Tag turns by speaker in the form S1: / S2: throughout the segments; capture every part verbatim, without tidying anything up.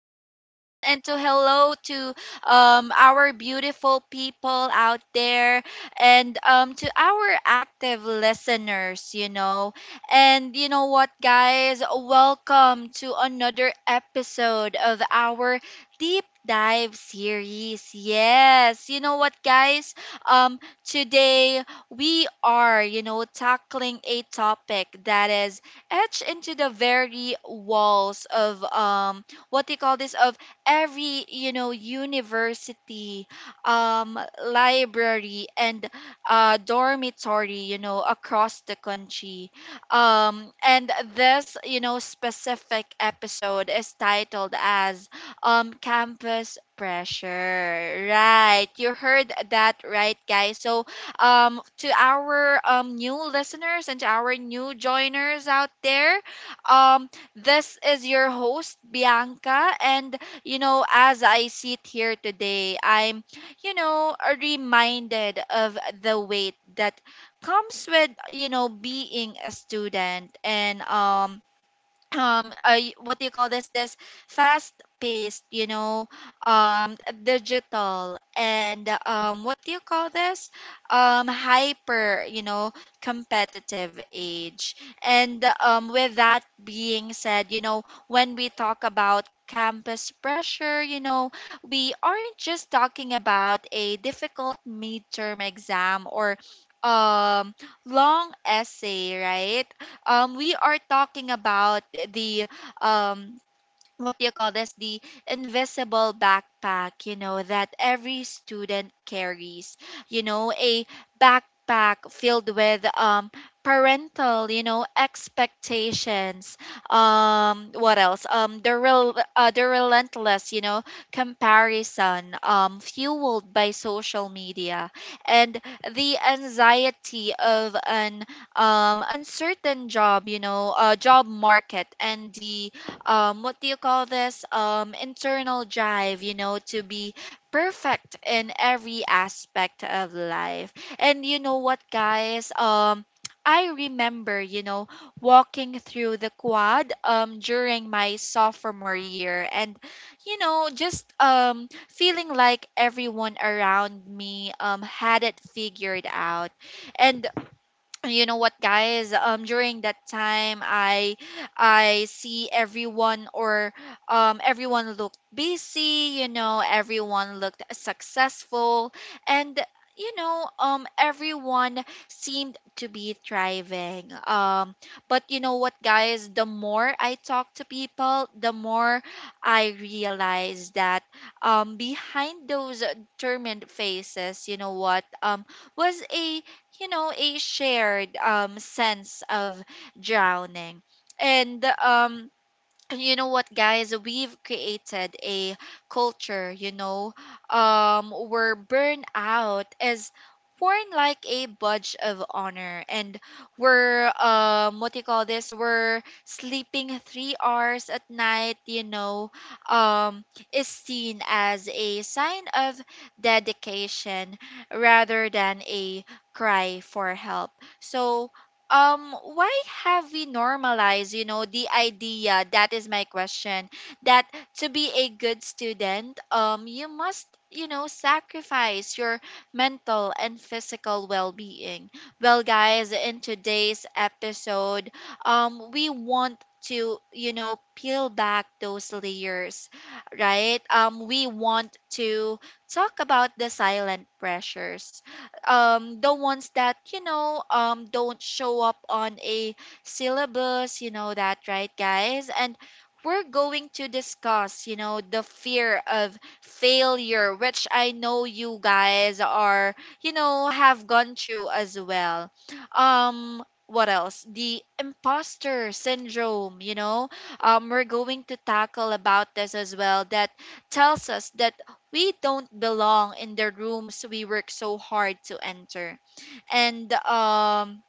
S1: everyone, and to hello to um, our beautiful people out there, and um, to our active listeners, you know. And you know what, guys? Welcome to another episode of our deep dive series. Yes, you know what, guys? Um, today we are, you know, tackling a topic that is etched into the very walls of um what do you call this, of every you know university, um library, and uh dormitory you know across the country. um and this you know specific episode is titled as um campus pressure, right? You heard that right, guys. So um to our um new listeners and to our new joiners out there. Um this is your host, Bianca. And you know as I sit here today, I'm you know reminded of the weight that comes with you know being a student. And um um uh, y- what do you call this, this fast paced you know um digital, and um what do you call this, um hyper you know competitive age. And um with that being said, you know when we talk about campus pressure, you know we aren't just talking about a difficult midterm exam or um long essay, right? um, we are talking about the um, what do you call this, the invisible backpack you know that every student carries, you know a backpack filled with um parental you know expectations, um what else, um the real uh, the relentless you know comparison, um fueled by social media, and the anxiety of an um uncertain job you know uh, job market, and the um what do you call this, um internal drive you know to be perfect in every aspect of life. And you know what, guys? um I remember, you know, walking through the quad um during my sophomore year, and you know, just um feeling like everyone around me um had it figured out. And you know what, guys? um during that time, I I see everyone or um everyone looked busy, you know everyone looked successful, and you know um everyone seemed to be thriving. um but you know what, guys? The more I talk to people, the more I realize that um behind those determined faces, you know what? um was a, you know, a shared, um, sense of drowning. And um, you know what, guys? We've created a culture you know um where burnout is worn like a badge of honor, and we're um what do you call this we're sleeping three hours at night, you know um is seen as a sign of dedication rather than a cry for help. So um why have we normalized you know the idea, that is my question, that to be a good student, um you must you know sacrifice your mental and physical well-being. Well, guys, in today's episode, um we want to you know peel back those layers, right? um we want to talk about the silent pressures, um the ones that you know um don't show up on a syllabus. You know that, right, guys? And we're going to discuss you know the fear of failure, which I know you guys are you know have gone through as well. um what else? The imposter syndrome, you know um we're going to tackle about this as well, that tells us that we don't belong in the rooms we work so hard to enter. And um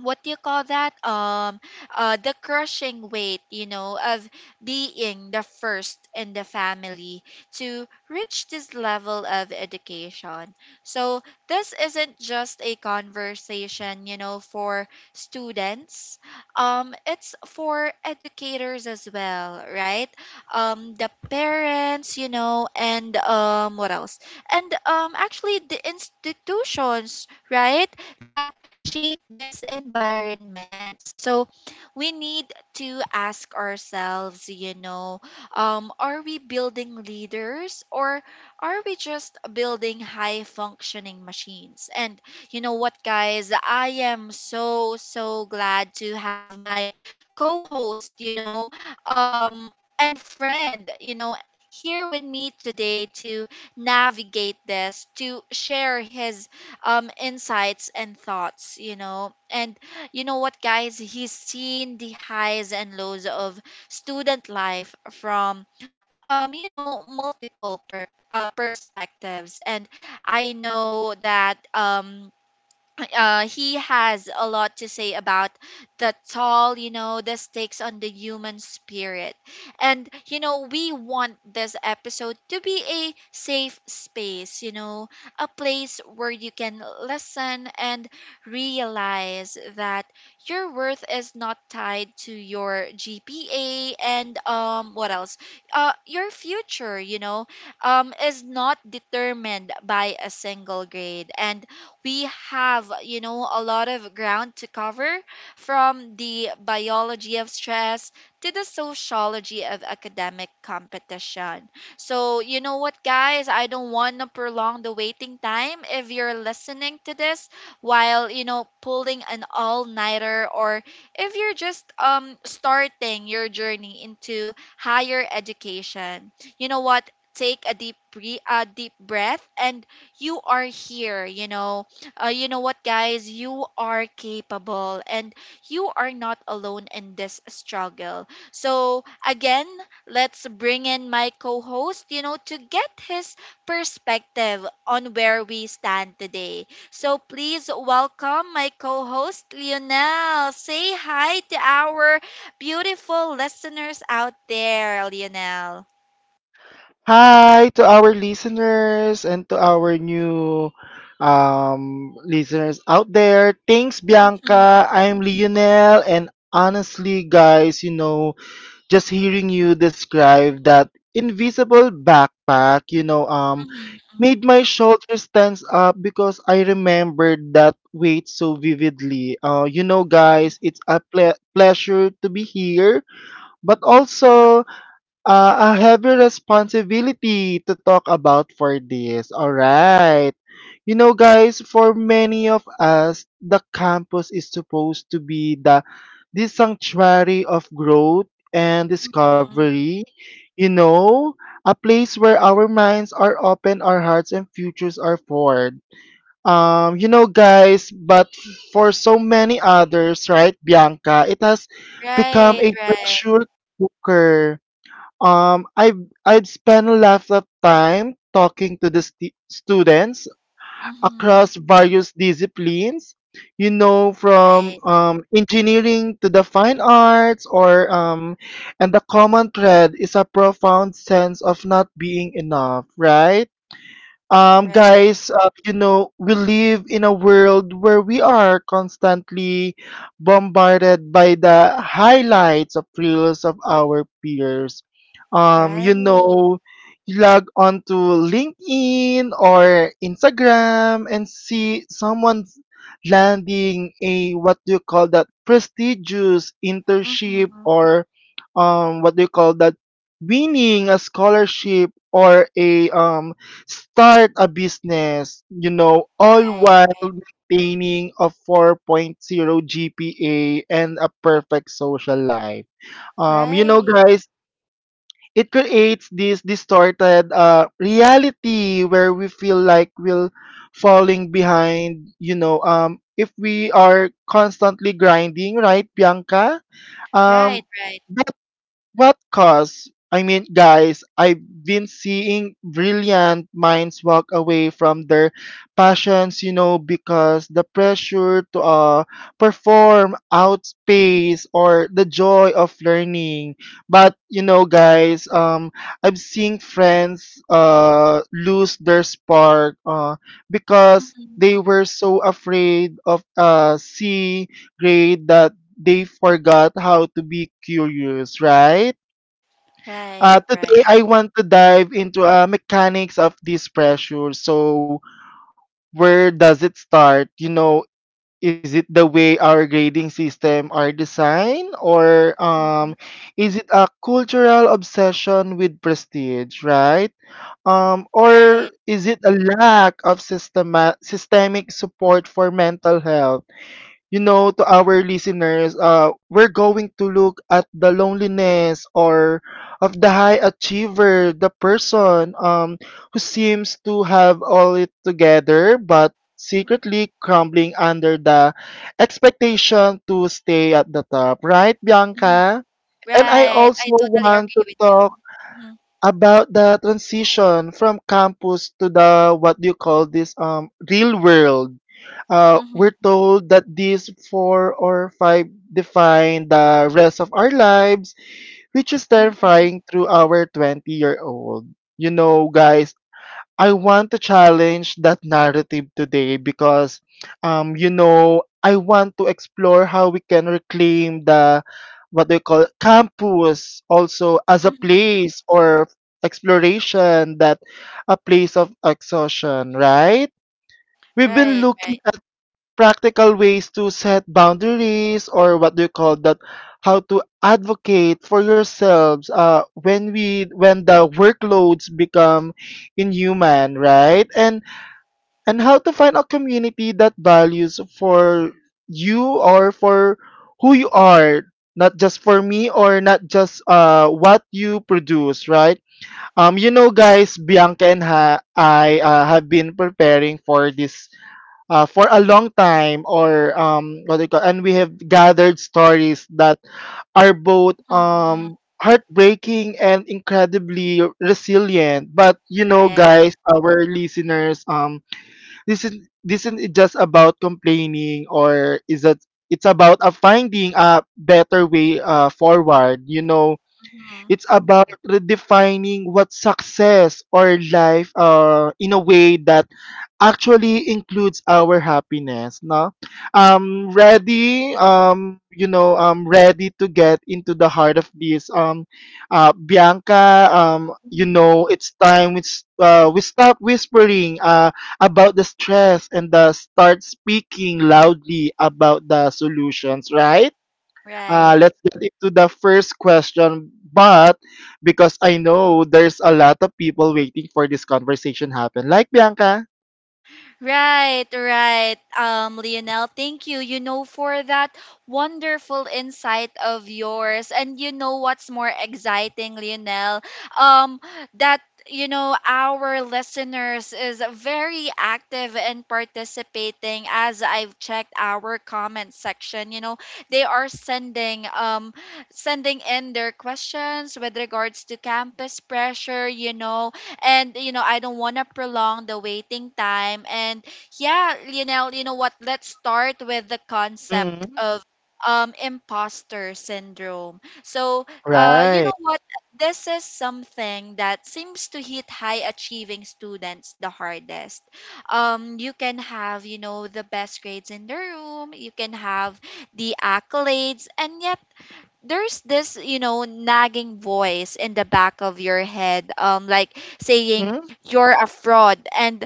S1: what do you call that, um uh the crushing weight you know of being the first in the family to reach this level of education. So this isn't just a conversation you know for students. um it's for educators as well, right? um the parents, you know and um what else and um actually the institutions, right, that shape these environments. So we need to ask ourselves, you know, um, are we building leaders, or are we just building high functioning machines? And you know what, guys, I am so, so glad to have my co host, you know, um, and friend, you know, here with me today to navigate this, to share his um insights and thoughts. You know and you know what, guys? He's seen the highs and lows of student life from um you know multiple per- uh, perspectives. And I know that um uh, he has a lot to say about the toll, you know, this takes on the human spirit. And, you know, we want this episode to be a safe space, you know, a place where you can listen and realize that your worth is not tied to your G P A. And, um, what else? Uh, your future, you know, um, is not determined by a single grade. And we have you know a lot of ground to cover, from the biology of stress to the sociology of academic competition. So you know what, guys? I don't want to prolong the waiting time. If you're listening to this while you know pulling an all-nighter, or if you're just um starting your journey into higher education, you know what, take a deep bre- a deep breath. And you are here, you know uh, you know what, guys? You are capable, and you are not alone in this struggle. So, again, let's bring in my co host, you know, to get his perspective on where we stand today. So, please welcome my co host, Lionel. Say hi to our beautiful listeners out there, Lionel.
S2: Hi to our listeners and to our new um, listeners out there. Thanks,
S1: Mhm,
S2: Bianca. I'm Lionel. And honestly, guys, you know, just hearing you describe that invisible backpack, you know, um,
S1: mhm,
S2: made
S1: mhm,
S2: my shoulders tense up because I remembered that weight so vividly. Uh, you know, guys, it's a ple- pleasure to be here, but also uh, I have a heavy responsibility to talk about for this. All right. You know, guys, for many of us, the campus is supposed to be the this sanctuary of growth and
S1: mhm.
S2: discovery. You know, a place where our minds are open, our hearts and futures are formed. Um, you know, guys, but for so many others, right, Bianca, it has become
S1: Right,
S2: a
S1: right.
S2: pressure cooker. um, I've I've spent a lot of time talking to the st- students
S1: Hmm.
S2: across various disciplines. You know, from
S1: Right,
S2: um, engineering to the fine arts, or um, and the common thread is a profound sense of not being enough, right? um
S1: right.
S2: guys uh, you know we live in a world where we are constantly bombarded by the highlights of reels of our peers. um you
S1: Right.
S2: know you log on to LinkedIn or Instagram and see someone's landing a, what do you call that, prestigious internship,
S1: Mm-hmm.
S2: or um what do you call that, winning a scholarship, or a um start a business, you know, all
S1: Right.
S2: while maintaining a 4.0 G P A and a perfect social life. Um, you know,
S1: Right.
S2: guys, it creates this distorted uh, reality where we feel like we're falling behind, you know, um, if we are constantly grinding, right, Bianca? Um,
S1: Right. Right.
S2: what cause? I mean, guys, I've been seeing brilliant minds walk away from their passions, you know, because the pressure to uh, perform outpace or the joy of learning. But you know, guys, um, I've seen friends uh lose their spark uh because they
S1: Mm-hmm.
S2: were so afraid of a C grade that they forgot how to be curious, right? Uh,
S1: Right. Right.
S2: today, I want to dive into uh, mechanics of this pressure. So, where does it start? You know, is it the way our grading system are designed, or
S1: Hmm.
S2: um, is it a cultural obsession with prestige, right? Um,
S1: Right.
S2: or is it a lack of systema- systemic support for mental health? You know, to our listeners, uh, we're going to look at the loneliness or of the high achiever, the person, um, who seems to have all it together but
S1: Right.
S2: secretly crumbling under the expectation to stay at the top. Right,
S1: Mm-hmm.
S2: Bianca? And I
S1: Right. I
S2: also
S1: totally
S2: want to
S1: agree with you.
S2: talk
S1: Mm-hmm.
S2: about the transition from campus to the, what do you call this, um real world. Uh, we're
S1: Mm-hmm.
S2: told that these four or five define the rest of our lives, which is
S1: Mm-hmm.
S2: terrifying through our twenty year old. You know, guys, I want to challenge that narrative today because, um, you know, I want to explore how we can reclaim the, what they call, campus also as a
S1: Mm-hmm.
S2: place or exploration that a place of exhaustion, right? We've been
S1: Right. Right.
S2: looking practical ways to set boundaries, or what do you call that, how to advocate for yourselves, uh, when we when the workloads become inhuman, right, and and how to find a community that values for you or for who you are, not just for me, or not just uh, what you produce, right. Um you know guys, Bianca, and ha- i uh, have been preparing for this uh, for a long time, or um, what do you call, and we have gathered stories that are both
S1: Mm-hmm.
S2: um, heartbreaking and incredibly resilient. But you know,
S1: Right.
S2: guys, our listeners, um this is this isn't just about complaining, or is that, it's about uh, finding a better way uh, forward, you know.
S1: Mm-hmm.
S2: It's about redefining what success or life, uh, in a way that actually includes our happiness. No, um, ready. Um, you know, I'm ready to get into the heart of this. Um, uh, Bianca. Um, you
S1: Mm-hmm.
S2: know, it's time we s- uh, we stop whispering. Uh, about the stress, and uh, start speaking loudly about the solutions, right? Uh,
S1: Right.
S2: let's get into the first question. But because I know there's a lot of people waiting for this conversation happen, like Bianca.
S1: Right, right. Um, Lionel, thank you. You know, for that wonderful insight of yours. And you know what's more exciting, Lionel? Um, that you know our listeners is very active in participating, as I've checked our comment section. You know they are sending um sending in their questions with regards to campus pressure. You know and you know I don't want to prolong the waiting time. And, yeah, you know you know what, let's start with the concept
S2: Mm-hmm.
S1: of um imposter syndrome. So uh you
S2: Right?
S1: know what, this is something that seems to hit high achieving students the hardest. um you can have you know the best grades in the room. You can have the accolades, and yet there's this you know nagging voice in the back of your head, um like saying
S2: Mm-hmm.
S1: you're a fraud, and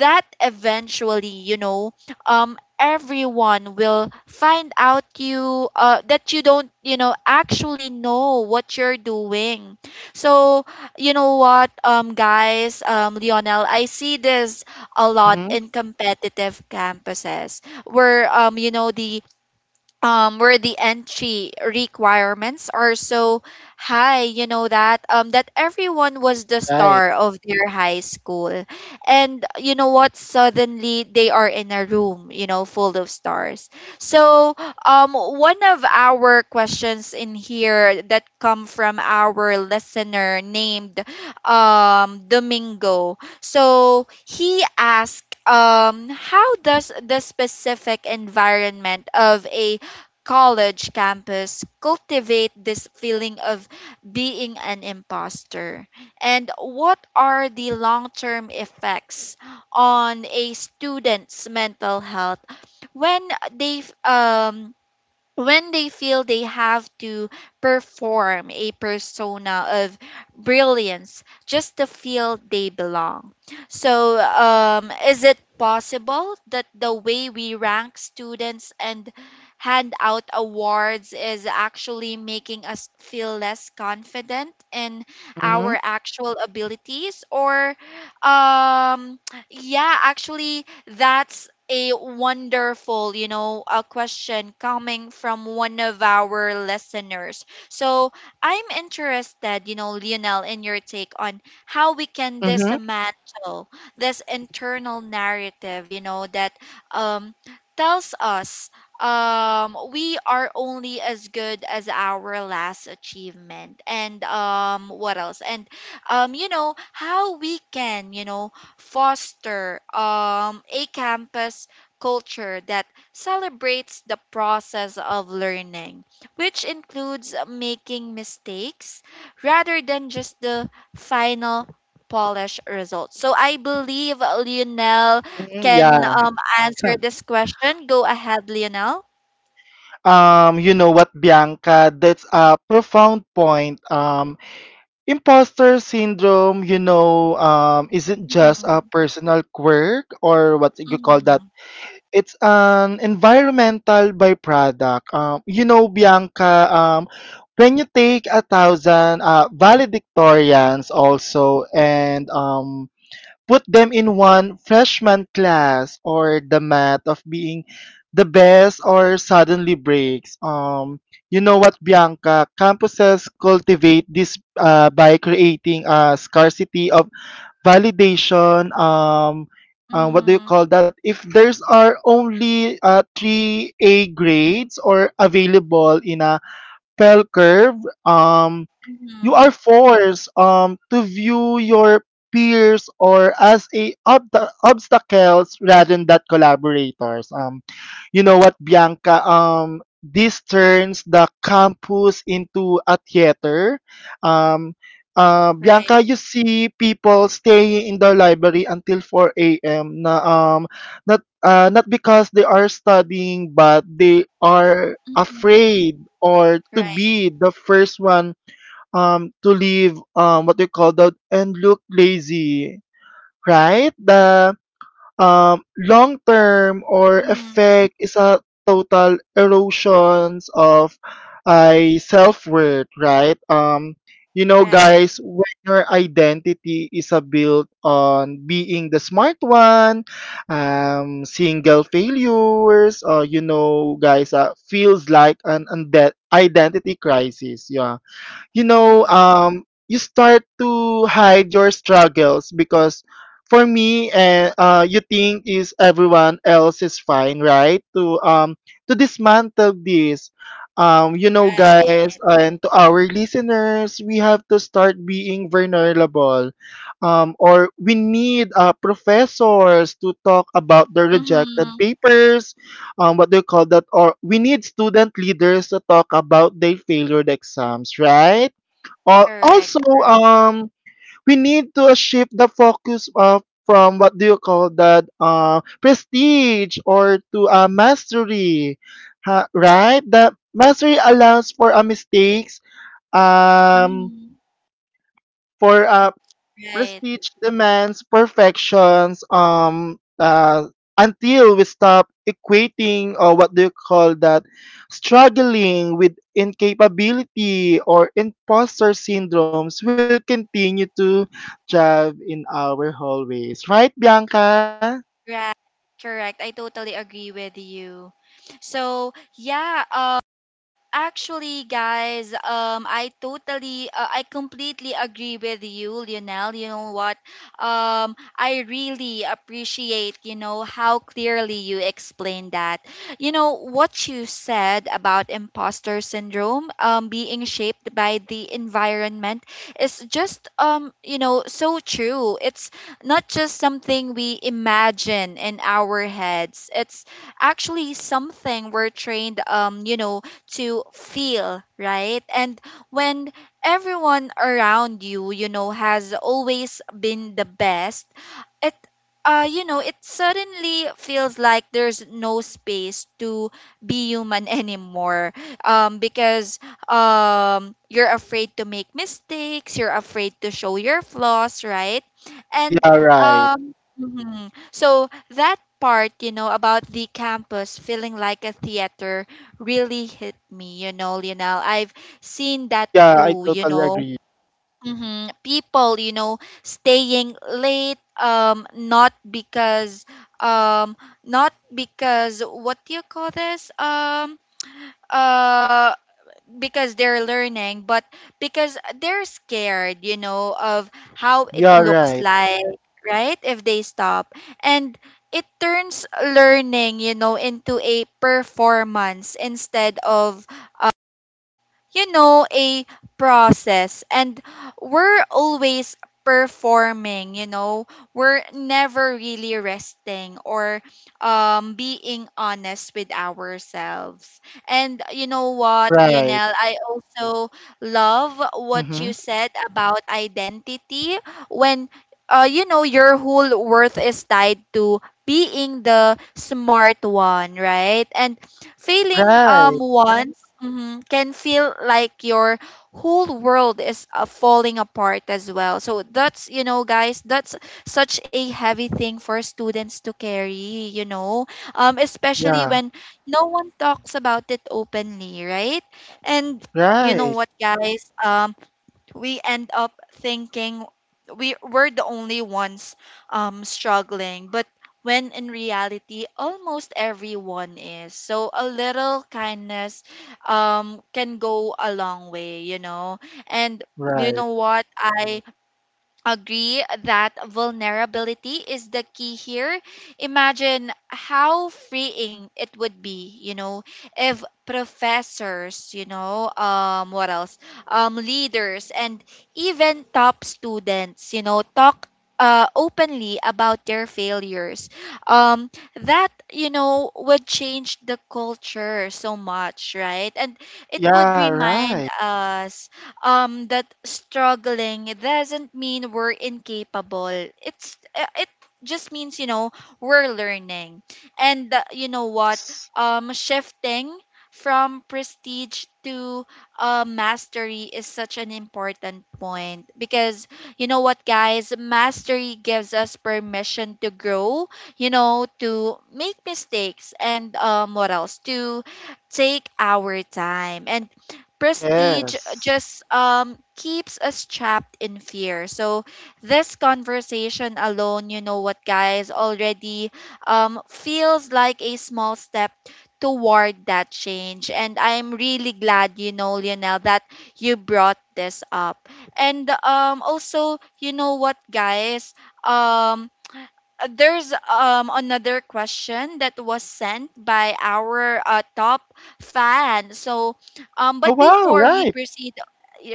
S1: that eventually you know um everyone will find out you uh that you don't you know actually know what you're doing. So you know what, um guys, um Lionel, I see this a lot
S2: Mm-hmm.
S1: in competitive campuses, where um you know the um, where the entry requirements are so high, you know that um, that everyone was the
S2: Right.
S1: star of their high school. And you know what? Suddenly they are in a room, you know, full of stars. So um, one of our questions in here that come from our listener named um, Domingo. So he asked, um, how does the specific environment of a college campus cultivate this feeling of being an imposter? And what are the long term effects on a student's mental health when they um, when they feel they have to perform a persona of brilliance just to feel they belong? So, um, is it possible that the way we rank students and hand out awards is actually making us feel less confident in
S2: Mm-hmm.
S1: our actual abilities? Or, um, yeah, actually, that's a wonderful, you know, a question coming from one of our listeners. So I'm interested, you know, Lionel, in your take on how we can
S2: Mm-hmm.
S1: dismantle this internal narrative, you know, that um, tells us um we are only as good as our last achievement. And um what else and um you know how we can you know foster um, a campus culture that celebrates the process of learning, which includes making mistakes rather than just the final polished results. So I believe Lionel
S2: Mm,
S1: can
S2: yeah.
S1: um, answer this question. Go ahead, Lionel.
S2: Um, you know what, Bianca, that's a profound point. Um, imposter syndrome, you know, um, isn't just a
S1: Mm-hmm.
S2: personal quirk, or what you could call that.
S1: Hmm.
S2: It's an environmental byproduct. Um, you know, Bianca, um, when you take a thousand uh, valedictorians also, and um, put them in one freshman class, or the math of being the best or suddenly breaks. Um, you know what, Bianca? Campuses cultivate this uh, by creating a scarcity of validation. Um uh, what do you
S1: Hmm.
S2: call that, if there's are only uh, three a grades or available in a bell curve. um you
S1: Hmm.
S2: are forced um to view your peers or as a ob- obstacles rather than collaborators. um You know what, Bianca? Um, this turns the campus into a theater. Um, uh, Bianca,
S1: Right.
S2: you see people staying in the library until four a m. Na, um, not, uh, not because they are studying, but they are
S1: Hmm.
S2: afraid or to
S1: Right.
S2: be the first one um, to leave, um, what they call the and look lazy, right? The um, long term or
S1: Hmm.
S2: effect is a total erosions of I self worth, right? Um, you know,
S1: Right.
S2: guys, when your identity is a built on being the smart one, um, single failures, uh, you know, guys, uh, feels like an unde- identity crisis. Yeah, you know,
S1: Hmm.
S2: um, you start to hide your struggles because for me, uh, uh, you think is everyone else is fine, right? To um, to dismantle this, um, you know, guys,
S1: Right.
S2: and to our listeners, we have to start being vulnerable, um, or we need uh, professors to talk about the rejected
S1: Hmm.
S2: papers, um, what do you call that? Or we need student leaders to talk about their failed exams, right? Al also,
S1: Correct, correct.
S2: um, we need to shift the focus uh, from, what do you call that, uh, prestige or to uh, mastery, ha- right? The mastery allows for uh, mistakes, um,
S1: Hmm.
S2: for uh,
S1: Right,
S2: prestige demands perfections. Um uh until we stop equating, or what do you call that, struggling with incapability or imposter syndromes will continue to drive in our hallways, right, Bianca?
S1: right, correct. I totally agree with you. So, yeah, actually, guys, um, I totally, uh, I completely agree with you, Lionel. You know what? Um, I really appreciate, you know, how clearly you explained that. You know, what you said about imposter syndrome, um, being shaped by the environment is just, um, you know, so true. It's not just something we imagine in our heads. It's actually something we're trained, um, you know, to feel, right? And when everyone around you, you know, has always been the best, it uh, you know, it suddenly feels like there's no space to be human anymore. Um, because um, you're afraid to make mistakes, you're afraid to show your flaws, right? And
S2: Yeah, right.
S1: um, mhm. so that part, you know, about the campus feeling like a theater really hit me, you know, Lionel. I've seen that
S2: Yeah, I
S1: too, you
S2: totally
S1: know.
S2: agree.
S1: hmm People, you know, staying late, um, not because, um, not because what do you call this? Um, uh, because they're learning, but because they're scared, you know, of how it
S2: Yeah,
S1: looks
S2: right,
S1: like, right? If they stop. And it turns learning, you know, into a performance instead of you know, a process, and we're always performing, you know. We're never really resting or um being honest with ourselves. And you know what,
S2: right.
S1: Lionel, I also love
S2: Mm-hmm.
S1: what you said about identity when, uh, you know, your whole worth is tied to being the smart one, right? And failing,
S2: Right.
S1: um Yeah. Once hmm can feel like your whole world is uh, falling apart as well. So that's, you know, guys, that's such a heavy thing for students to carry, you know, um, especially
S2: Yeah,
S1: when no one talks about it openly, right? And you know
S2: right,
S1: what, guys? Um, we end up thinking we we're the only ones um struggling, but when in reality almost everyone is, so a little kindness um can go a long way you know And you
S2: right.
S1: know what Mm. i agree that vulnerability is the key here. Imagine how freeing it would be, you know, if professors, you know, um, what else, um, leaders, and even top students, you know, talk. Uh, openly about their failures, um that, you know would change the culture so much, right? And it would
S2: Yeah, right.
S1: remind us um that struggling doesn't mean we're incapable. It's uh, it just means, you know we're learning. And, uh, you know what?
S2: Yes.
S1: Um shifting from prestige to, uh, mastery is such an important point, because you know what, guys, mastery gives us permission to grow, you know to make mistakes, and um what else, to take our time. And prestige
S2: Yes.
S1: just um keeps us trapped in fear. So this conversation alone, you know what, guys, already um feels like a small step toward that change. And I'm really glad, you know, Lionel, that you brought this up. And um also, you know what, guys? Um uh, there's um another question that was sent by our uh, top fan. So, um
S2: Oh,
S1: but
S2: wow,
S1: before we
S2: right.
S1: proceed,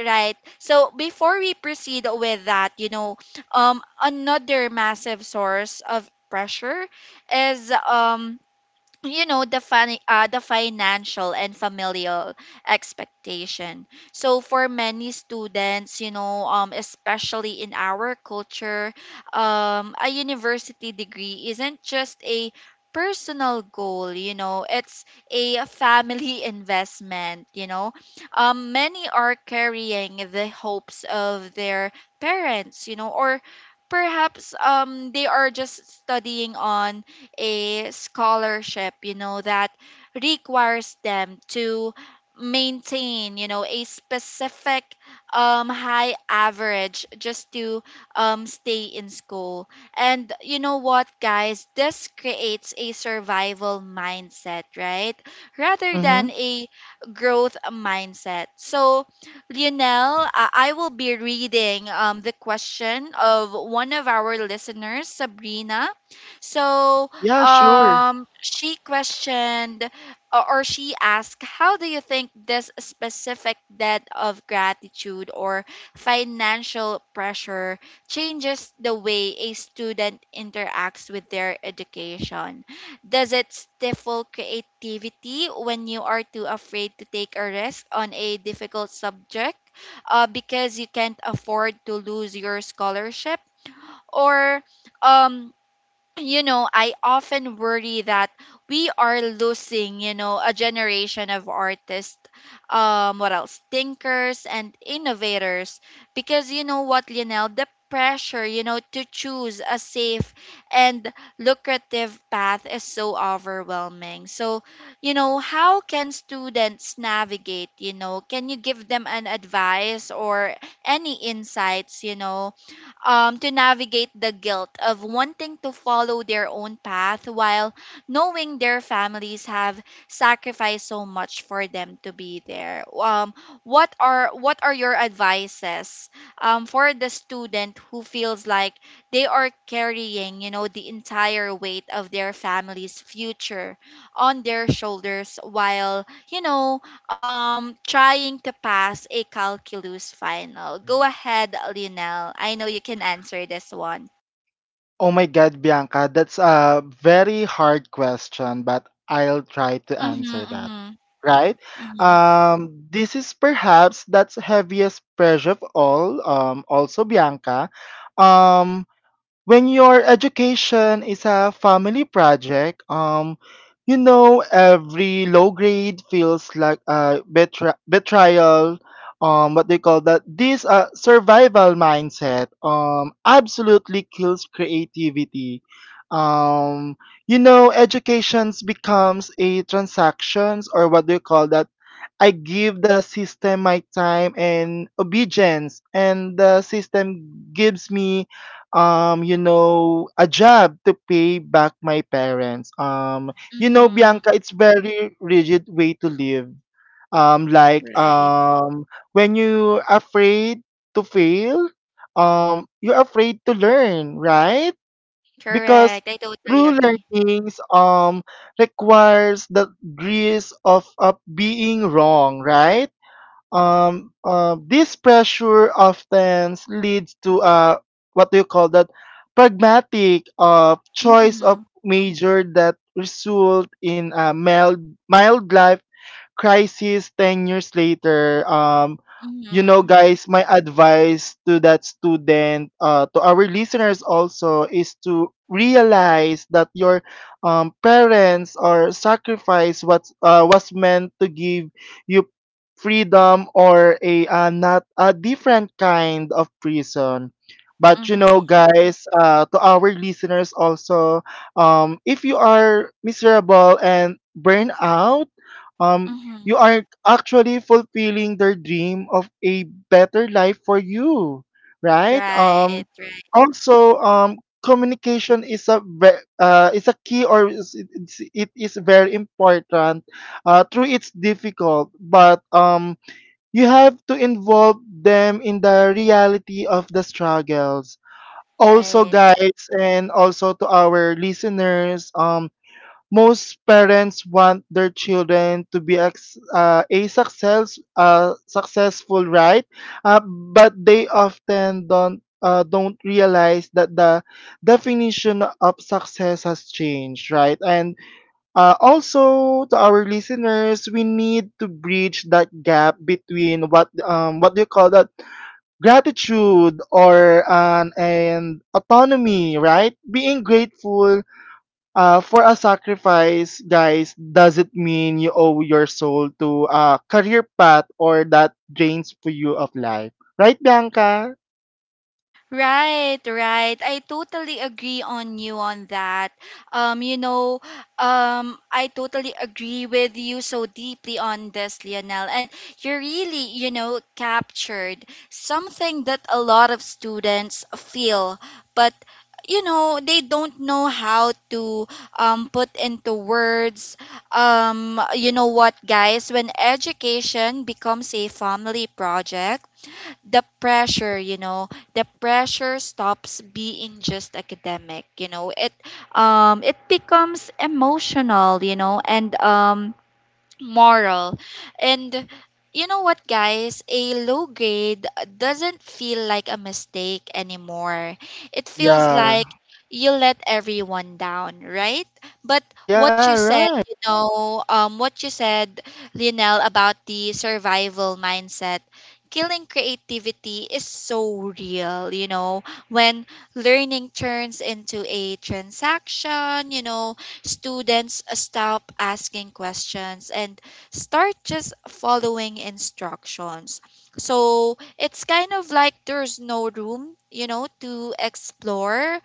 S1: right, so before we proceed with that, you know um another massive source of pressure is, um you know the fin- uh, the financial and familial expectation. So for many students, you know um especially in our culture, um a university degree isn't just a personal goal, you know it's a family investment you know um Many are carrying the hopes of their parents, you know, or perhaps um they are just studying on a scholarship, you know, that requires them to maintain, you know, a specific, um, high average, just to um, stay in school. And you know what, guys? This creates a survival mindset, right? Rather
S2: Mhm.
S1: than a growth mindset. So, Lionel, uh, I will be reading um, the question of one of our listeners, Sabrina. So,
S2: Yeah, sure.
S1: um she questioned, uh, or she asked, how do you think this specific debt of gratitude or financial pressure changes the way a student interacts with their education? Does it stifle creativity when you are too afraid to take a risk on a difficult subject, uh, because you can't afford to lose your scholarship? Or um you know, I often worry that we are losing, you know, a generation of artists, um, what else, thinkers and innovators, because you know what, Lionel, the pressure, you know, to choose a safe and lucrative path is so overwhelming. So, you know, how can students navigate? You know, can you give them an advice or any insights? You know, um, to navigate the guilt of wanting to follow their own path while knowing their families have sacrificed so much for them to be there. Um, what are what are your advices, um, for the student who feels like they are carrying, you know, the entire weight of their family's future on their shoulders while, you know, um trying to pass a calculus final. Go ahead, Lionel. I know you can answer this one.
S2: Oh my God, Bianca, that's a very hard question, but I'll try to
S1: Mhm,
S2: answer that.
S1: mhm,
S2: Right?
S1: mhm,
S2: Um, this is perhaps that's heaviest pressure of all. Um, also, Bianca. Um, when your education is a family project, um, you know every low grade feels like a betri- betrayal. Um, what they call that? This uh, survival mindset um absolutely kills creativity. Um, you know, educations becomes a transactions, or what do you call that? I give the system my time and obedience, and the system gives me, um, you know, a job to pay back my parents. Um, you know,
S1: mhm.
S2: Bianca, it's very rigid way to live. Um, like
S1: Right.
S2: um, when you afraid to fail, um, you're afraid to learn, right? Because
S1: Correct. I totally
S2: true
S1: agree.
S2: learnings um requires the grace of, of being wrong, right. Um uh, this pressure often leads to uh what do you call that, pragmatic uh choice of
S1: Mhm,
S2: major that result in a mild mild life crisis ten years later. Um you know,
S1: mhm,
S2: guys, my advice to that student, uh, to our listeners also, is to realize that your um, parents or sacrifice what uh, was meant to give you freedom, or a uh, not a different kind of prison. But you know,
S1: mhm,
S2: guys, uh, to our listeners also, um, if you are miserable and burn out, um,
S1: mhm.
S2: you are actually fulfilling their dream of a better life for you, right. Um
S1: Right, right,
S2: also, um communication is a ve- uh, is a key, or is, it's- it is very important, uh through it's difficult, but um you have to involve them in the reality of the struggles. Also,
S1: right.
S2: guys, and also to our listeners, um most parents want their children to be ex- uh, a success uh, successful, right. Uh, but they often don't uh, don't realize that the definition of success has changed, right. And uh, also, to our listeners, we need to bridge that gap between what, um, what do you call that, gratitude or an and autonomy, right. Being grateful uh, for a sacrifice, guys, doesn't mean you owe your soul to a career path or that drains for you of life. Right, Bianca?
S1: Right, right. I totally agree on you on that. Um, you know, um, I totally agree with you so deeply on this, Lionel. And you really, you know, captured something that a lot of students feel, but you know, they don't know how to um, put into words. Um, you know what, guys? When education becomes a family project, the pressure, you know, the pressure stops being just academic, you know it um it becomes emotional, you know and um moral. And you know what, guys? A low grade doesn't feel like a mistake anymore. It feels
S2: Yeah.
S1: like you let everyone down, right? But
S2: Yeah,
S1: what you
S2: right.
S1: said, you know, um, what you said, Lionel, about the survival mindset, killing creativity is so real, you know, when learning turns into a transaction, you know, students stop asking questions, and start just following instructions. So it's kind of like there's no room, you know, to explore,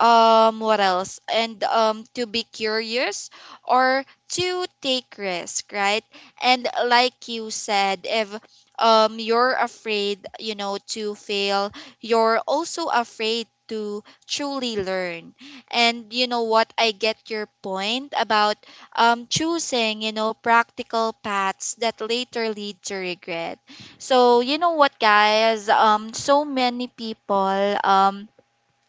S1: um what else, and um to be curious, or to take risk, right? And like you said, if um you're afraid, you know, to fail, you're also afraid to truly learn. And you know what? I get your point about um, choosing, you know, practical paths that later lead to regret. So, you know what, guys? Um, so many people, um,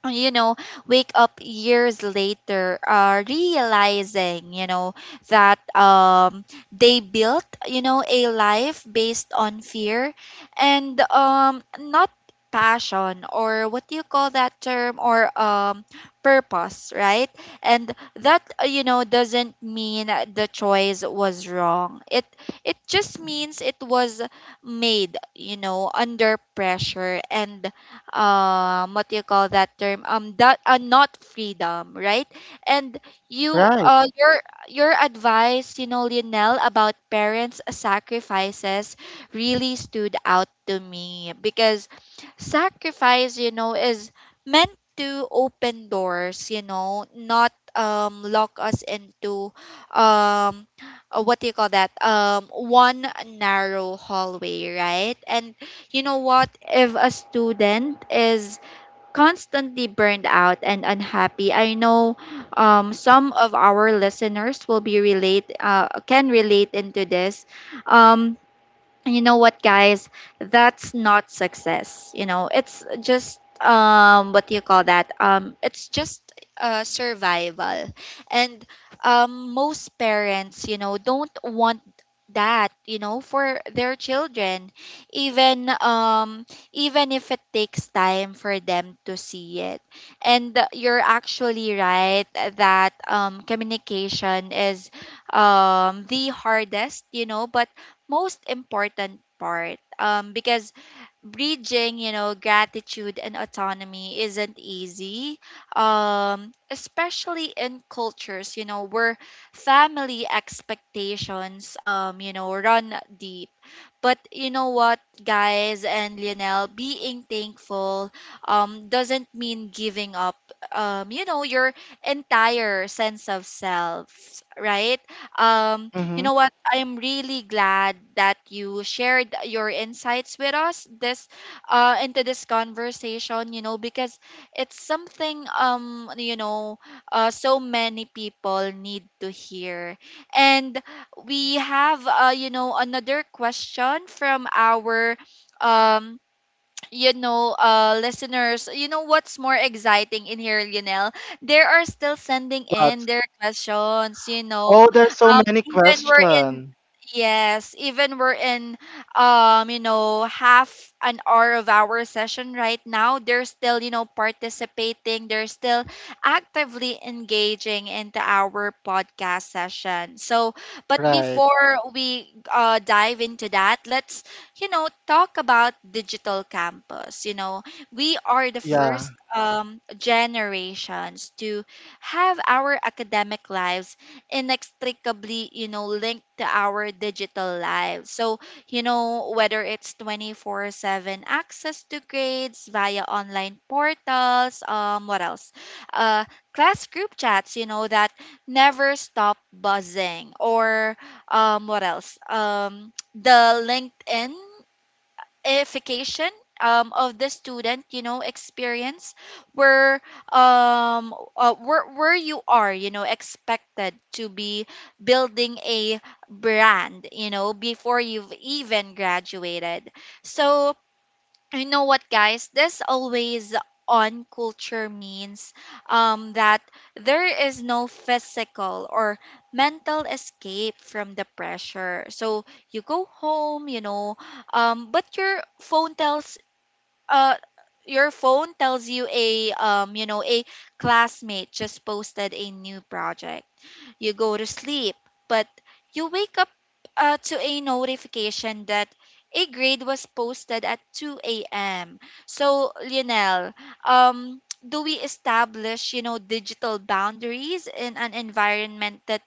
S1: you know, wake up years later, uh, realizing, you know, that um, they built, you know, a life based on fear, and um, not passion, or what do you call that term, or um, purpose, right? And that, uh, you know, doesn't mean the choice was wrong. It it just means it was made, you know, under pressure, and um what do you call that term, um that, uh, not freedom, right? And you
S2: Right.
S1: uh your your advice, you know, Lionel, about parents sacrifices really stood out to me, because sacrifice, you know is meant to open doors, you know not um lock us into, um uh, what do you call that, um one narrow hallway, right? And you know what, if a student is constantly burned out and unhappy, I know um some of our listeners will be relate uh, can relate into this. um and you know what, guys? That's not success. You know, it's just um what do you call that? Um it's just uh survival. And um most parents, you know, don't want that, you know, for their children. Even um even if it takes time for them to see it. And you're actually right that um communication is um the hardest, you know, but most important part, um, because bridging, you know gratitude and autonomy isn't easy, um, especially in cultures, you know, where family expectations, um, you know, run deep. But you know what, guys and Lionel, being thankful um doesn't mean giving up, um you know, your entire sense of self, right? Um you
S2: Mm-hmm.
S1: know what, I'm really glad that you shared your insights with us this, uh into this conversation, you know, because it's something, um you know, uh, so many people need to hear. And we have, uh, you know, another question from our um you know, uh, listeners, you know what's more exciting in here, Lionel? They are still sending in
S2: But,
S1: their questions, you know.
S2: oh, there's so
S1: Um,
S2: many
S1: even we're in,
S2: questions.
S1: yes, even we're in, um, you know, half an hour of our session right now. They're still, you know, participating. They're still actively engaging into our podcast session. So, but
S2: Right.
S1: before we, uh, dive into that, let's, you know, talk about digital campus. You know, we are the
S2: Yeah.
S1: first um, generations to have our academic lives inextricably, you know, linked to our digital lives. So, you know, whether it's twenty-four seven access to grades via online portals, um, what else? Uh, class group chats, you know, that never stop buzzing, or um, what else? Um, the LinkedInification, um, of the student, you know, experience, where um uh, where where you are, you know, expected to be building a brand, you know, before you've even graduated. So you know what, guys? This always on culture means, um, that there is no physical or mental escape from the pressure. So you go home, you know, um, but your phone tells uh, your phone tells you a, um, you know, a classmate just posted a new project. You go to sleep, but you wake up, uh, to a notification that a grade was posted at two a m. So, Lionel, um, do we establish, you know, digital boundaries in an environment that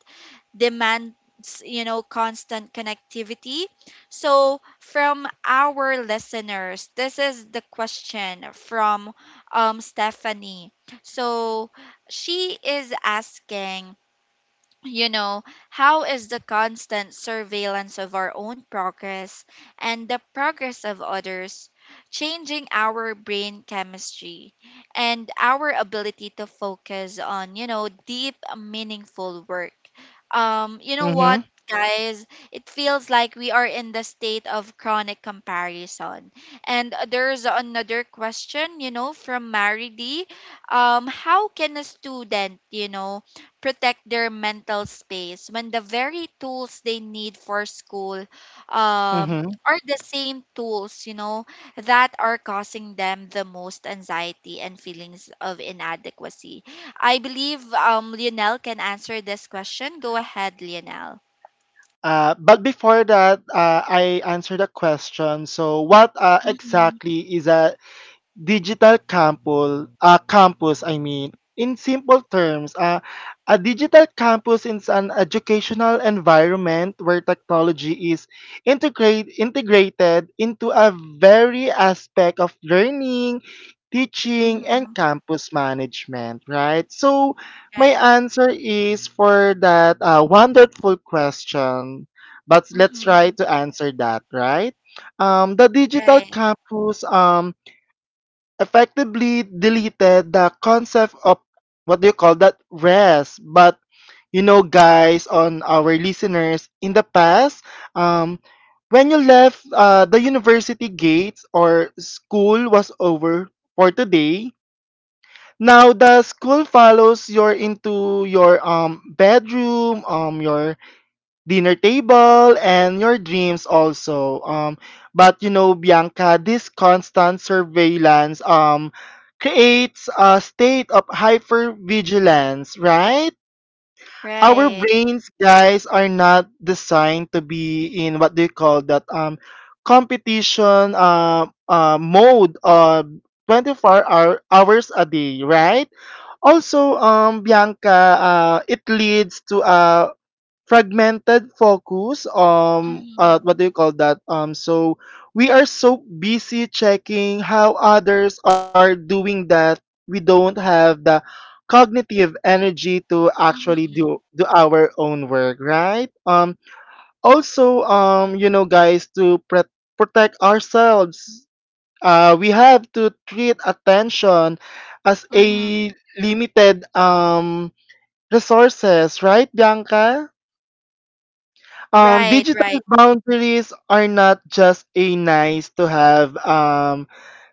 S1: demands, you know, constant connectivity? So, from our listeners, this is the question from um, Stephanie. So, she is asking you know, how is the constant surveillance of our own progress and the progress of others changing our brain chemistry and our ability to focus on, you know, deep, meaningful work? Um, you know what?
S2: Mm-hmm.
S1: Guys, it feels like we are in the state of chronic comparison. And there's another question, you know, from Mary D. Um, how can a student, you know, protect their mental space when the very tools they need for school um,
S2: Mm-hmm.
S1: are the same tools, you know, that are causing them the most anxiety and feelings of inadequacy. I believe um, Lionel can answer this question. Go ahead, Lionel.
S2: Uh, but before that, uh, I answered a question. So, what uh,
S1: Mm-hmm.
S2: exactly is a digital campus, uh, campus I mean, in simple terms, uh, a digital campus is an educational environment where technology is integrate, integrated into a very aspect of learning, teaching, and
S1: Mm-hmm.
S2: campus management, right? So, my
S1: Right.
S2: answer is for that uh, wonderful question, but let's try
S1: Mm-hmm.
S2: to answer that, right? Um, the digital
S1: Right.
S2: campus um, effectively deleted the concept of what do you call that rest. But you know guys, on our listeners in the past, um when you left uh, the university gates or school was over for today, now the school follows your into your um bedroom, um your dinner table, and your dreams also. Um but you know, Bianca, this constant surveillance um creates a state of hypervigilance, right? Our
S1: Right.
S2: brains, guys, are not designed to be in what they call that um competition uh, uh mode uh twenty-four hour, hours a day, right? Also, um Bianca, uh, it leads to a fragmented focus. Um uh,
S1: Mm-hmm.
S2: what do you call that? Um so we are so busy checking how others are doing that we don't have the cognitive energy to actually
S1: Mm-hmm.
S2: do do our own work, right? Um also, um you know guys, to pre- protect ourselves, uh we have to treat attention as
S1: Mm-hmm.
S2: a limited um resources, right, Bianca? Um
S1: Right.
S2: digital
S1: Right.
S2: boundaries are not just a nice to have, um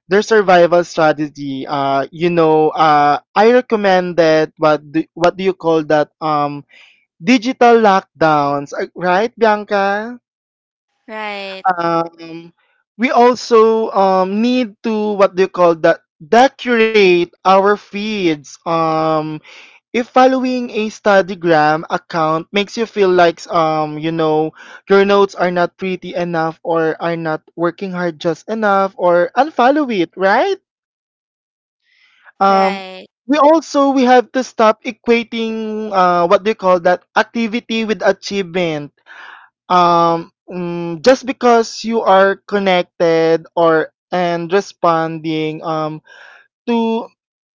S2: their survival strategy. Uh you know, uh I recommend that what do, what do you call that, um digital lockdowns, uh, right, Bianca?
S1: Right.
S2: um we also um need to, what do you call that, decorate our feeds. Um if following a studygram account makes you feel like, um you know, your notes are not pretty enough or are not working hard just enough, or unfollow it, right? um
S1: Right.
S2: we also, we have to stop equating, uh what do you call that, activity with achievement. Um mm, just because you are connected or and responding um to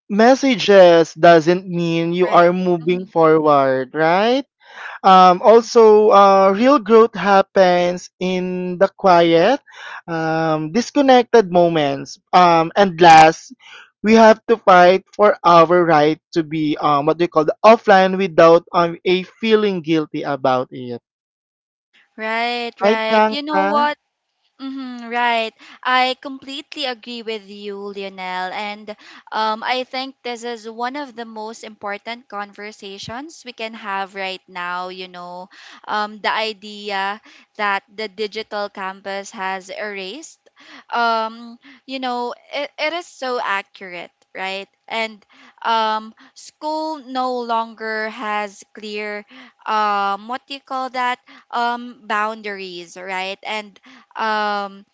S2: messages doesn't mean you
S1: Right.
S2: are moving
S1: Mm-hmm.
S2: forward, right? Um, also, uh, real growth happens in the quiet, um, disconnected moments. Um, and last, we have to fight for our right to be um, what we call the offline without um, a feeling guilty about it.
S1: Right,
S2: Right,
S1: right. You know
S2: Bianca?
S1: what? Mm-hmm, right. I completely agree with you, Lionel. And um, I think this is one of the most important conversations we can have right now. You know, um, the idea that the digital campus has erased, um, you know, it, it is so accurate. Right, and um, school no longer has clear, um, what do you call that, um, boundaries, right? And um,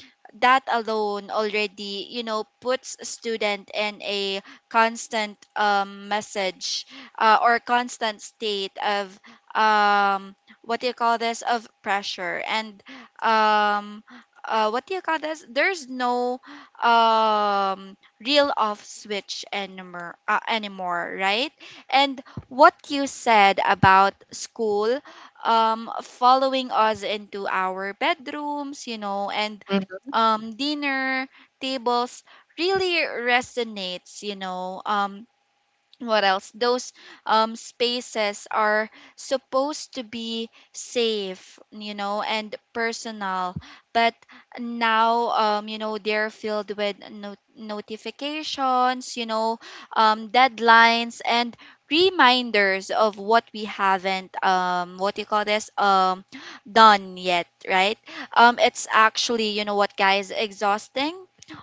S1: that alone already you know puts student in a constant um, message uh, or constant state of um, what do you call this of pressure and um, uh, what do you call this there's no um, real off switch anymore uh, anymore, right. And what you said about school um, following us into our bedrooms, you know, and
S2: Mm-hmm.
S1: um, dinner tables really resonates, you know. Um, what else those um spaces are supposed to be safe you know and personal but now um you know they're filled with no- notifications you know um deadlines and reminders of what we haven't um what you call this um done yet, right. um it's actually you know what guys exhausting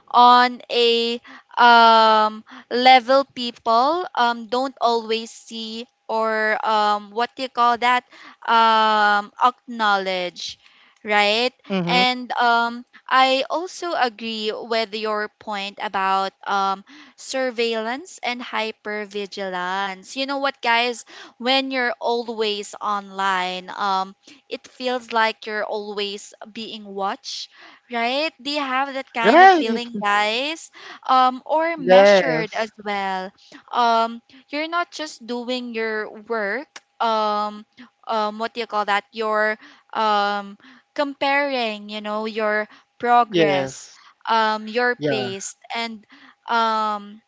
S1: on a um level people um, don't always see or um, what do you call that um, acknowledge, right.
S2: Mm-hmm.
S1: And um, I also agree with your point about um, surveillance and hypervigilance you know what guys when you're always online, um, it feels like you're always being watched, right? Do you have that kind of
S2: Right.
S1: feeling guys um or measured as
S2: Yes.
S1: well? um you're not just doing your work, um um what do you call that you're um comparing you know your
S2: Yes.
S1: progress, um your
S2: Yeah.
S1: pace and um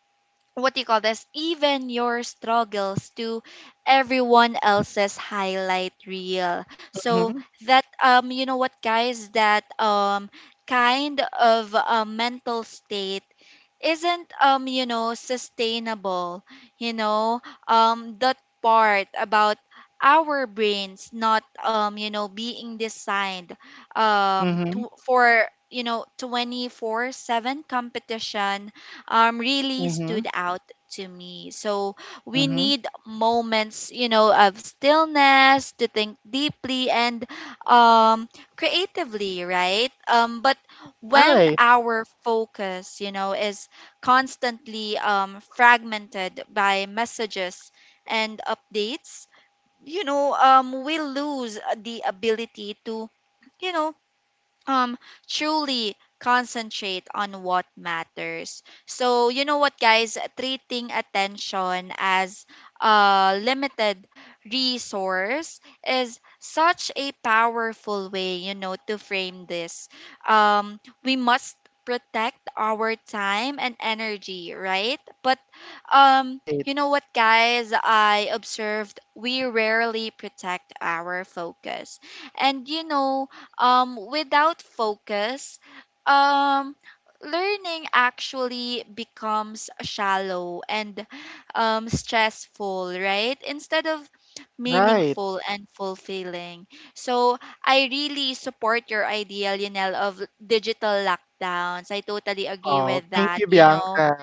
S1: what do you call this even your struggles to everyone else's highlight reel.
S2: Mm-hmm.
S1: So that um you know what guys that um kind of uh, mental state isn't um you know sustainable you know. um that part about our brains not um you know being designed um
S2: Mm-hmm.
S1: to, for you know twenty-four seven competition um really
S2: Mm-hmm.
S1: stood out to me. So we
S2: Mm-hmm.
S1: need moments you know of stillness to think deeply and um creatively, right. um but when
S2: Right.
S1: our focus you know is constantly um, fragmented by messages and updates, you know, um, we lose the ability to, you know, um truly concentrate on what matters. So you know what guys treating attention as a limited resource is such a powerful way you know to frame this. um we must protect our time and energy, right. But um
S2: Right.
S1: you know what guys I observed we rarely protect our focus. And you know um, without focus, um, learning actually becomes shallow and um, stressful, right? Instead of
S2: Right.
S1: meaningful and fulfilling. So I really support your idea, Lionel, of digital lockdowns. I totally agree
S2: Oh,
S1: with
S2: thank
S1: that.
S2: you,
S1: You know,
S2: Bianca.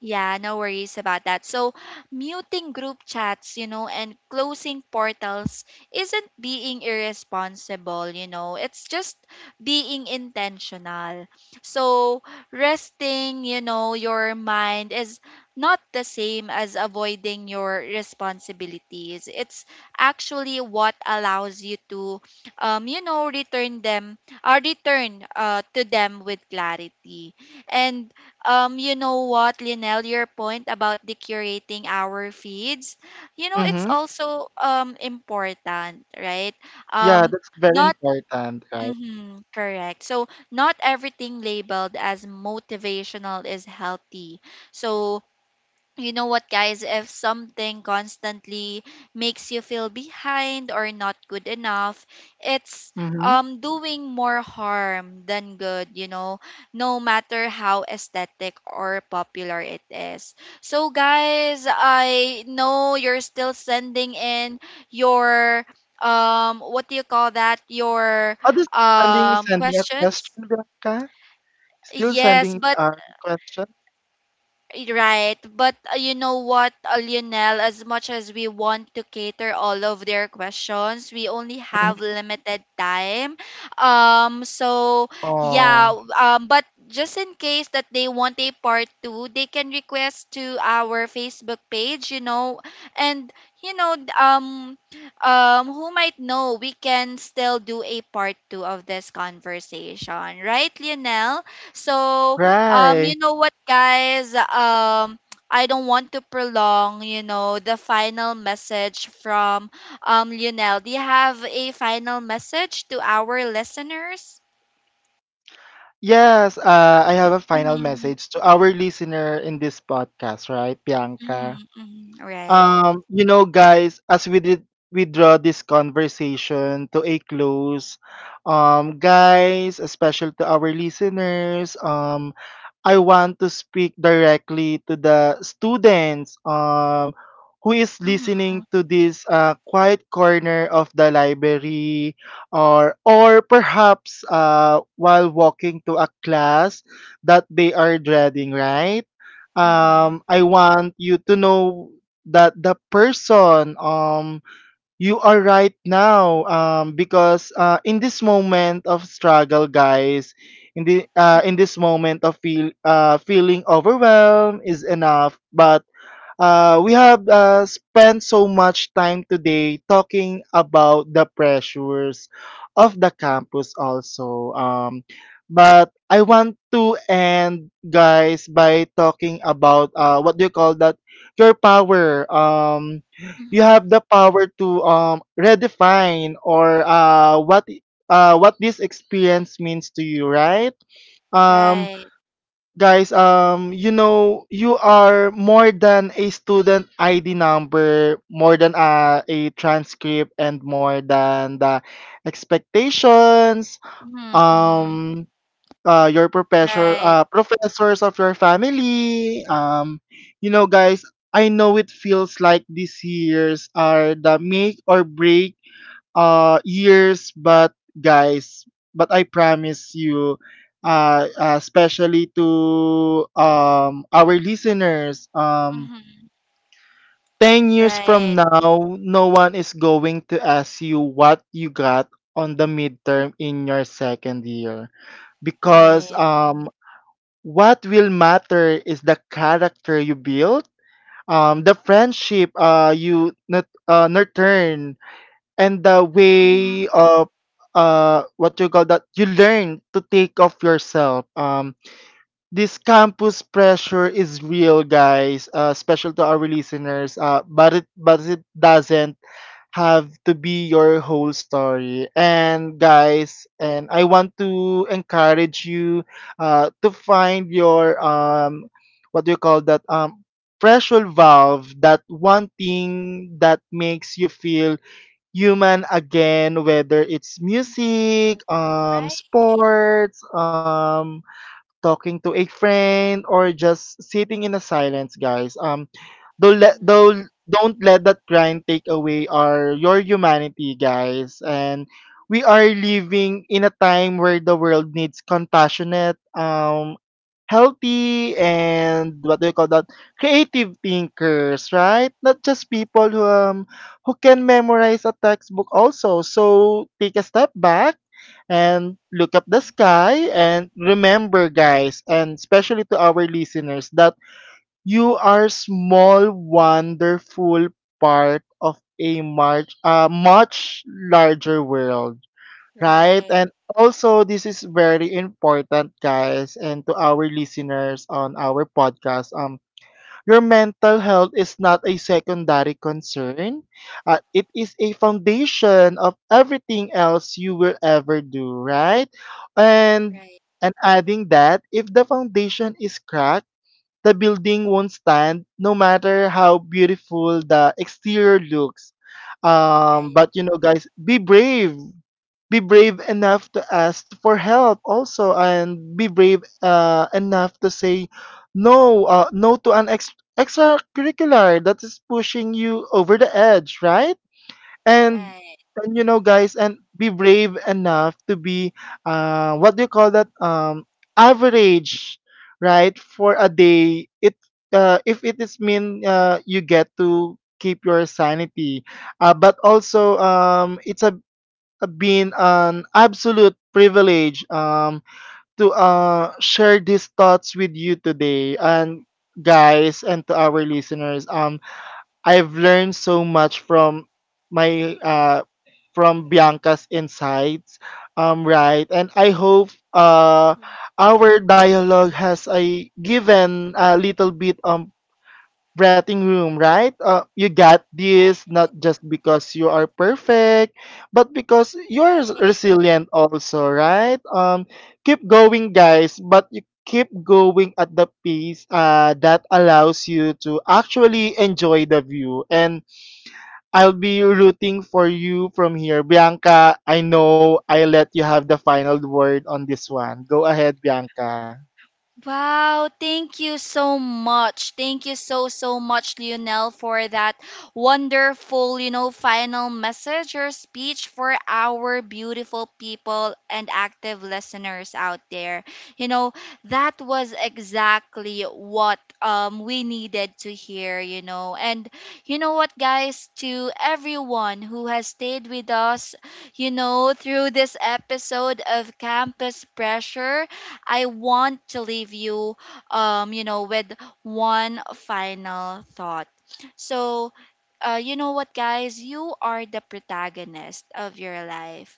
S1: yeah, no worries about that. So, muting group chats, you know, and closing portals isn't being irresponsible, you know, it's just being intentional. So, resting, you know, your mind is not the same as avoiding your responsibilities. It's actually what allows you to, um, you know, return them or return uh, to them with clarity. And um, you know what, Lionel, your point about the curating our feeds, you know, it's
S2: Mm-hmm.
S1: also um important, right?
S2: Yeah,
S1: Um,
S2: that's very
S1: not
S2: important, right?
S1: hmm correct. So not everything labeled as motivational is healthy. So you know what guys if something constantly makes you feel behind or not good enough it's
S2: Mm-hmm.
S1: um doing more harm than good you know no matter how aesthetic or popular it is. So guys I know you're still sending in your um what do you call that your
S2: Others sending
S1: um
S2: sending a
S1: questions.
S2: question, Bianca. Still
S1: Yes
S2: sending
S1: but
S2: a question.
S1: right, but uh, you know what, uh, Lionel, as much as we want to cater all of their questions, we only have
S2: Mm-hmm.
S1: limited time. Um, so yeah,
S2: Oh,
S1: um, but just in case that they want a part two, they can request to our Facebook page, you know, and you know, d- um, um, who might know, we can still do a part two of this conversation, right, Lionel? So um,
S2: right.
S1: you know what, guys? Um, I don't want to prolong, you know, the final message from um Lionel. Do you have a final message to our listeners?
S2: Yes, uh, I have a final
S1: Mm-hmm,
S2: message to our listener in this podcast, right, Bianca?
S1: mm-hmm, mm-hmm. Right.
S2: Um, you know, guys, as we did we draw this conversation to a close, um, guys, especially to our listeners, um, I want to speak directly to the students, um, who is
S1: Mm-hmm,
S2: listening to this uh, quiet corner of the library, or or perhaps uh, while walking to a class that they are dreading, right?
S1: mm-hmm,
S2: um, I want you to know that the person um, you are right now, um, because uh, in this moment of struggle, guys, in the uh, in this moment of feel uh, feeling overwhelmed is enough. But uh, we have uh, spent so much time today talking about the pressures of the campus also. Um, but I want to end, guys, by talking about, uh, what do you call that? Your power. Um, you
S1: mm-hmm.
S2: have the power to, um, redefine or, uh, what uh, what this experience means to you, right? Um,
S1: Right.
S2: guys, um you know, you are more than a student ID number, more than uh, a transcript, and more than the expectations
S1: Mm-hmm, mm-hmm.
S2: um uh, your professor
S1: Right.
S2: uh, professors of your family. Um you know, guys, I know it feels like these years are the make or break uh years, but guys, but I promise you, uh, uh especially to um our listeners, um
S1: Mm-hmm.
S2: ten years from
S1: Right.
S2: now no one is going to ask you what you got on the midterm in your second year, because
S1: Right.
S2: um what will matter is the character you build, um the friendship uh you nut- uh, nurture, and the way
S1: Mm-hmm.
S2: of uh what you call that you learn to take off yourself. Um this campus pressure is real, guys, uh special to our listeners, uh but it but it doesn't have to be your whole story. And guys, and I want to encourage you uh to find your, um what do you call that um pressure valve, that one thing that makes you feel human again, whether it's music, um
S1: Right.
S2: sports, um talking to a friend, or just sitting in a silence, guys. um Don't let
S1: Mm-hmm.
S2: don't don't let that grind take away our your humanity, guys. And we are living in a time where the world needs compassionate, um, healthy, and what do you call that? Creative thinkers, right? Not just people who um who can memorize a textbook also. So take a step back and look up the sky and remember, guys, and especially to our listeners, that you are small, wonderful part of a much, uh, much larger world, right?
S1: Right.
S2: And also, this is very important, guys, and to our listeners on our podcast. Um, your mental health is not a secondary concern. Uh, it is a foundation of everything else you will ever do, right? And and adding that, if the foundation is cracked, the building won't stand no matter how beautiful the exterior looks. Um,
S1: Right.
S2: but you know, guys, be brave. Be brave enough to ask for help also, and be brave uh, enough to say no, uh, no to an ex- extracurricular that is pushing you over the edge, right? and
S1: Right.
S2: and you know, guys, and be brave enough to be, uh what do you call that um average, right, for a day. It uh If it is mean uh you get to keep your sanity. Uh but also, um it's a, a been an absolute privilege um to uh share these thoughts with you today. And guys, and to our listeners, um I've learned so much from my uh from Bianca's insights. Um, right. And I hope uh our dialogue has a given a little bit um breathing room, right? Uh, you got this, not just because you are perfect, but because you're s- resilient also, right? Um, keep going, guys, but you keep going at the pace uh, that allows you to actually enjoy the view. And I'll be rooting for you from here. Bianca, I know I let you have the final word on this one. Go ahead, Bianca.
S1: Wow, thank you so much. Thank you so, so much, Lionel, for that wonderful, you know, final message or speech for our beautiful people and active listeners out there. You know, that was exactly what um, we needed to hear, you know. And you know what, guys, to everyone who has stayed with us, you know, through this episode of Campus Pressure, I want to leave you, um, you know, with one final thought. So, uh, you know what, guys? You are the protagonist of your life,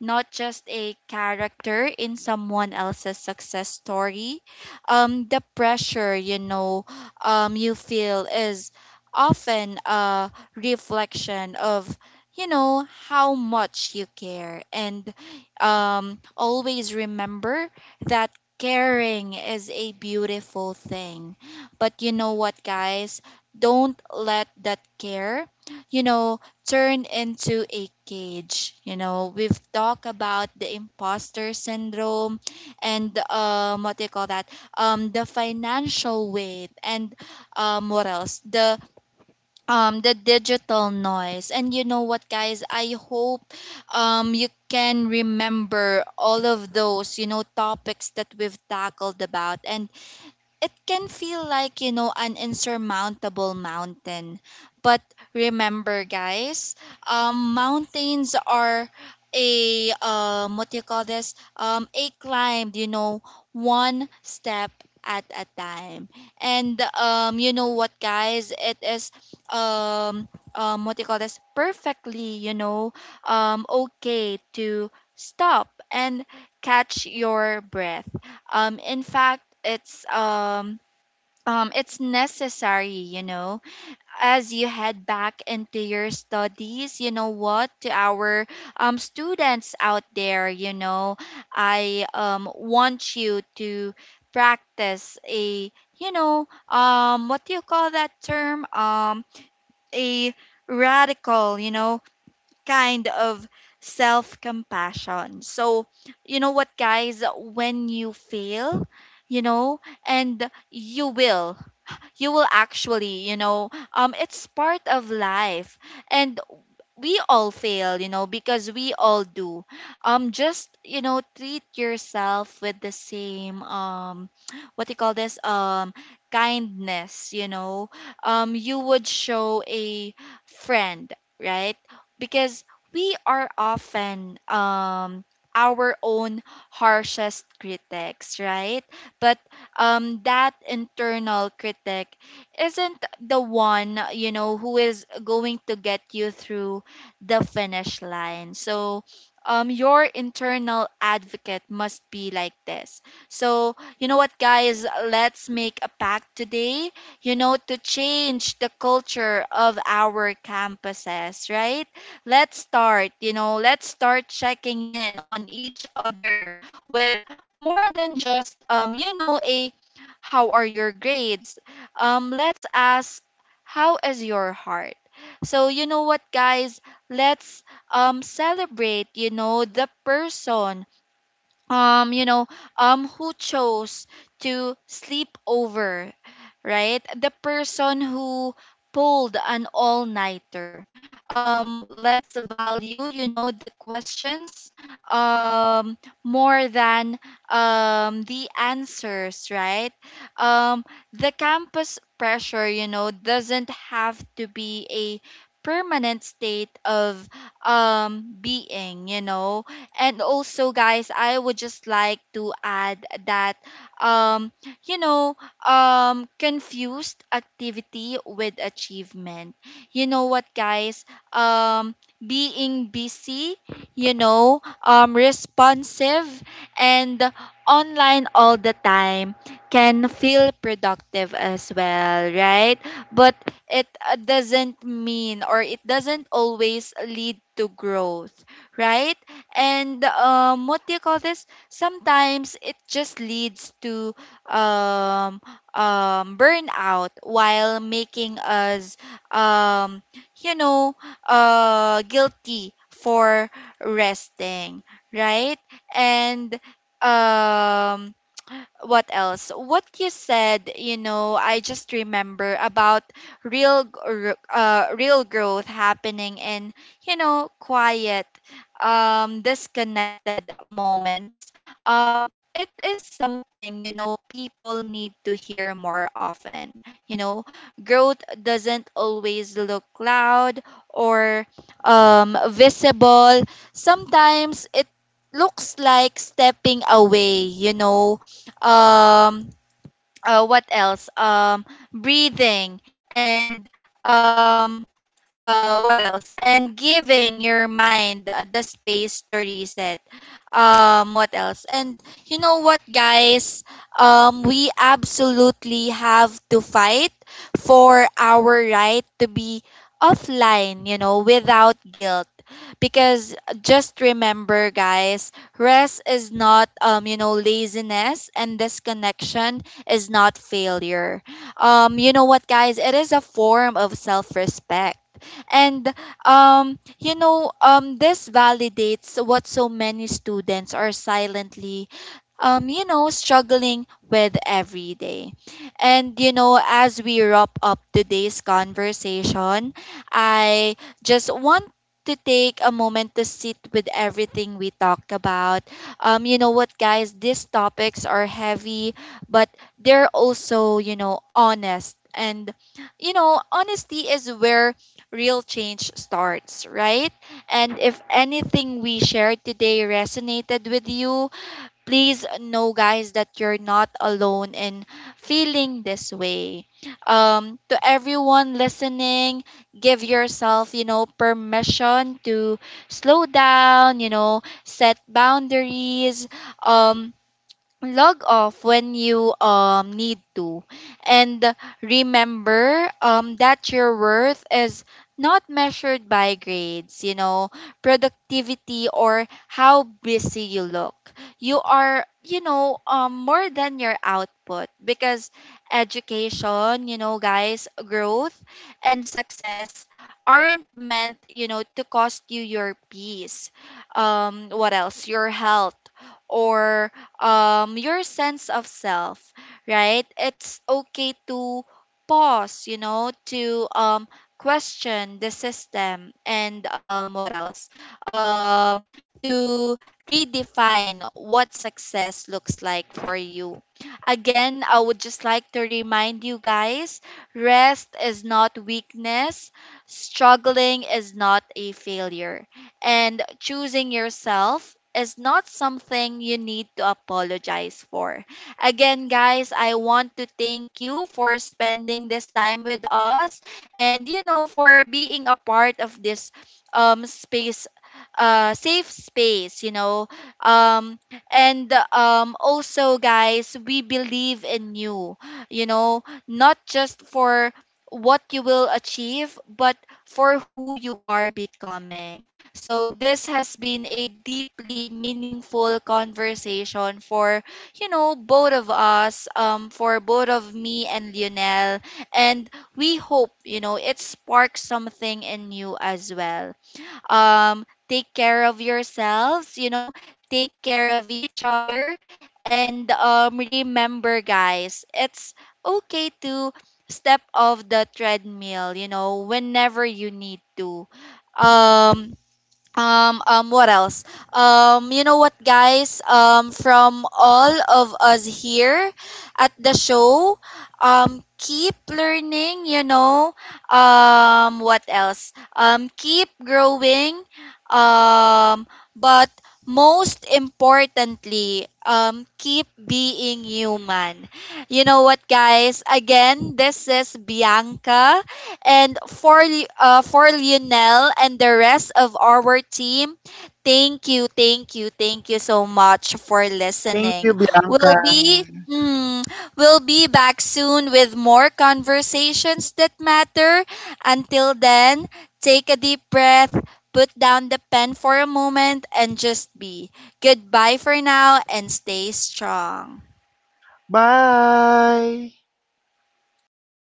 S1: not just a character in someone else's success story. Um, the pressure, you know, um, you feel is often a reflection of, you know, how much you care. And um, always remember that caring is a beautiful thing. But you know what, guys? Don't let that care, you know, turn into a cage. You know, we've talked about the imposter syndrome and um, what do you call that? Um, the financial weight and um, what else? The um, the digital noise. And you know what, guys? I hope um, you can remember all of those you know topics that we've tackled about. And it can feel like you know an insurmountable mountain, but remember guys um mountains are a um what do you call this um a climb you know one step at a time. And um you know what guys it is um um what do you call this perfectly you know um okay to stop and catch your breath. um, in fact, it's um, um, it's necessary, you know, as you head back into your studies. You know what, to our um, students out there, you know, I um, want you to practice a, you know, um, what do you call that term? Um, a radical, you know, kind of self compassion. So, you know what, guys, when you fail, you know, and you will, you will actually, you know, um, it's part of life. And we all fail, you know, because we all do. Um, just you know, treat yourself with the same um, what do you call this um kindness. You know, um, you would show a friend, right? Because we are often um our own harshest critics, right? But um, that internal critic isn't the one you know who is going to get you through the finish line. So um your internal advocate must be like this. So, you know what guys, let's make a pact today, you know, to change the culture of our campuses, right? Let's start, you know, let's start checking in on each other with more than just um, you know, a how are your grades? Um, let's ask how is your heart? So you know what guys, let's um celebrate, you know, the person um you know um who chose to sleep over, right? The person who pulled an all-nighter. um let's value you know the questions um more than um the answers, right. um the campus pressure you know doesn't have to be a permanent state of um being you know. And also, guys, I would just like to add that, um, you know, um, confused activity with achievement. You know what, guys? Um, being busy, you know, um, responsive, and online all the time can feel productive as well, right? But it uh, doesn't mean or it doesn't always lead to growth, right? And um what do you call this sometimes it just leads to um um burnout while making us um you know uh guilty for resting, right. And um what else? What you said, you know, I just remember about real gr- uh, real growth happening in, you know, quiet, um, disconnected moments. Um, it is something, you know, people need to hear more often. You know, growth doesn't always look loud or um, visible. Sometimes it looks like stepping away, you know, um uh, what else um breathing and um uh what else and giving your mind uh, the space to reset. Um what else and you know what guys um we absolutely have to fight for our right to be offline you know without guilt. Because just remember guys rest is not um you know laziness and disconnection is not failure. um you know what guys it is a form of self-respect. And um, you know, um, this validates what so many students are silently um, you know, struggling with every day. And, you know, as we wrap up today's conversation, I just want to take a moment to sit with everything we talked about. Um, you know what, guys, these topics are heavy, but they're also, you know, honest. And, you know, honesty is where real change starts, right? And if anything we shared today resonated with you, please know guys that you're not alone in feeling this way. um to everyone listening, give yourself you know permission to slow down you know set boundaries, um log off when you um need to. And remember um that your worth is not measured by grades you know productivity or how busy you look. You are you know um more than your output. Because education you know guys growth and success aren't meant you know to cost you your peace, um what else your health or um your sense of self, right? It's okay to pause, you know, to um question the system and um what else? Um to redefine what success looks like for you. Again, I would just like to remind you guys, rest is not weakness, struggling is not a failure. And choosing yourself is not something you need to apologize for. Again, guys, I want to thank you for spending this time with us and, you know, for being a part of this um, space, uh, safe space, you know. Um, and um, also, guys, we believe in you, you know, not just for what you will achieve, but for who you are becoming. So this has been a deeply meaningful conversation for, you know, both of us, um, for both of me and Lionel. And we hope, you know, it sparks something in you as well. Um, take care of yourselves, you know, take care of each other. And um, remember, guys, it's okay to step off the treadmill, you know, whenever you need to. Um, um, um, what else? Um, you know what, guys? Um, from all of us here at the show, um, keep learning, you know. Um, what else? Um, keep growing. Um, but most importantly, um, keep being human. You know what, guys? Again, this is Bianca. And for Li- uh, for Lionel and the rest of our team, thank you, thank you, thank you so much for
S2: Thank you,
S1: listening.
S2: Bianca.
S1: We'll be mm, we'll be back soon with more conversations that matter. Until then, take a deep breath, put down the pen for a moment, and just be. Goodbye for now and stay strong.
S2: Bye.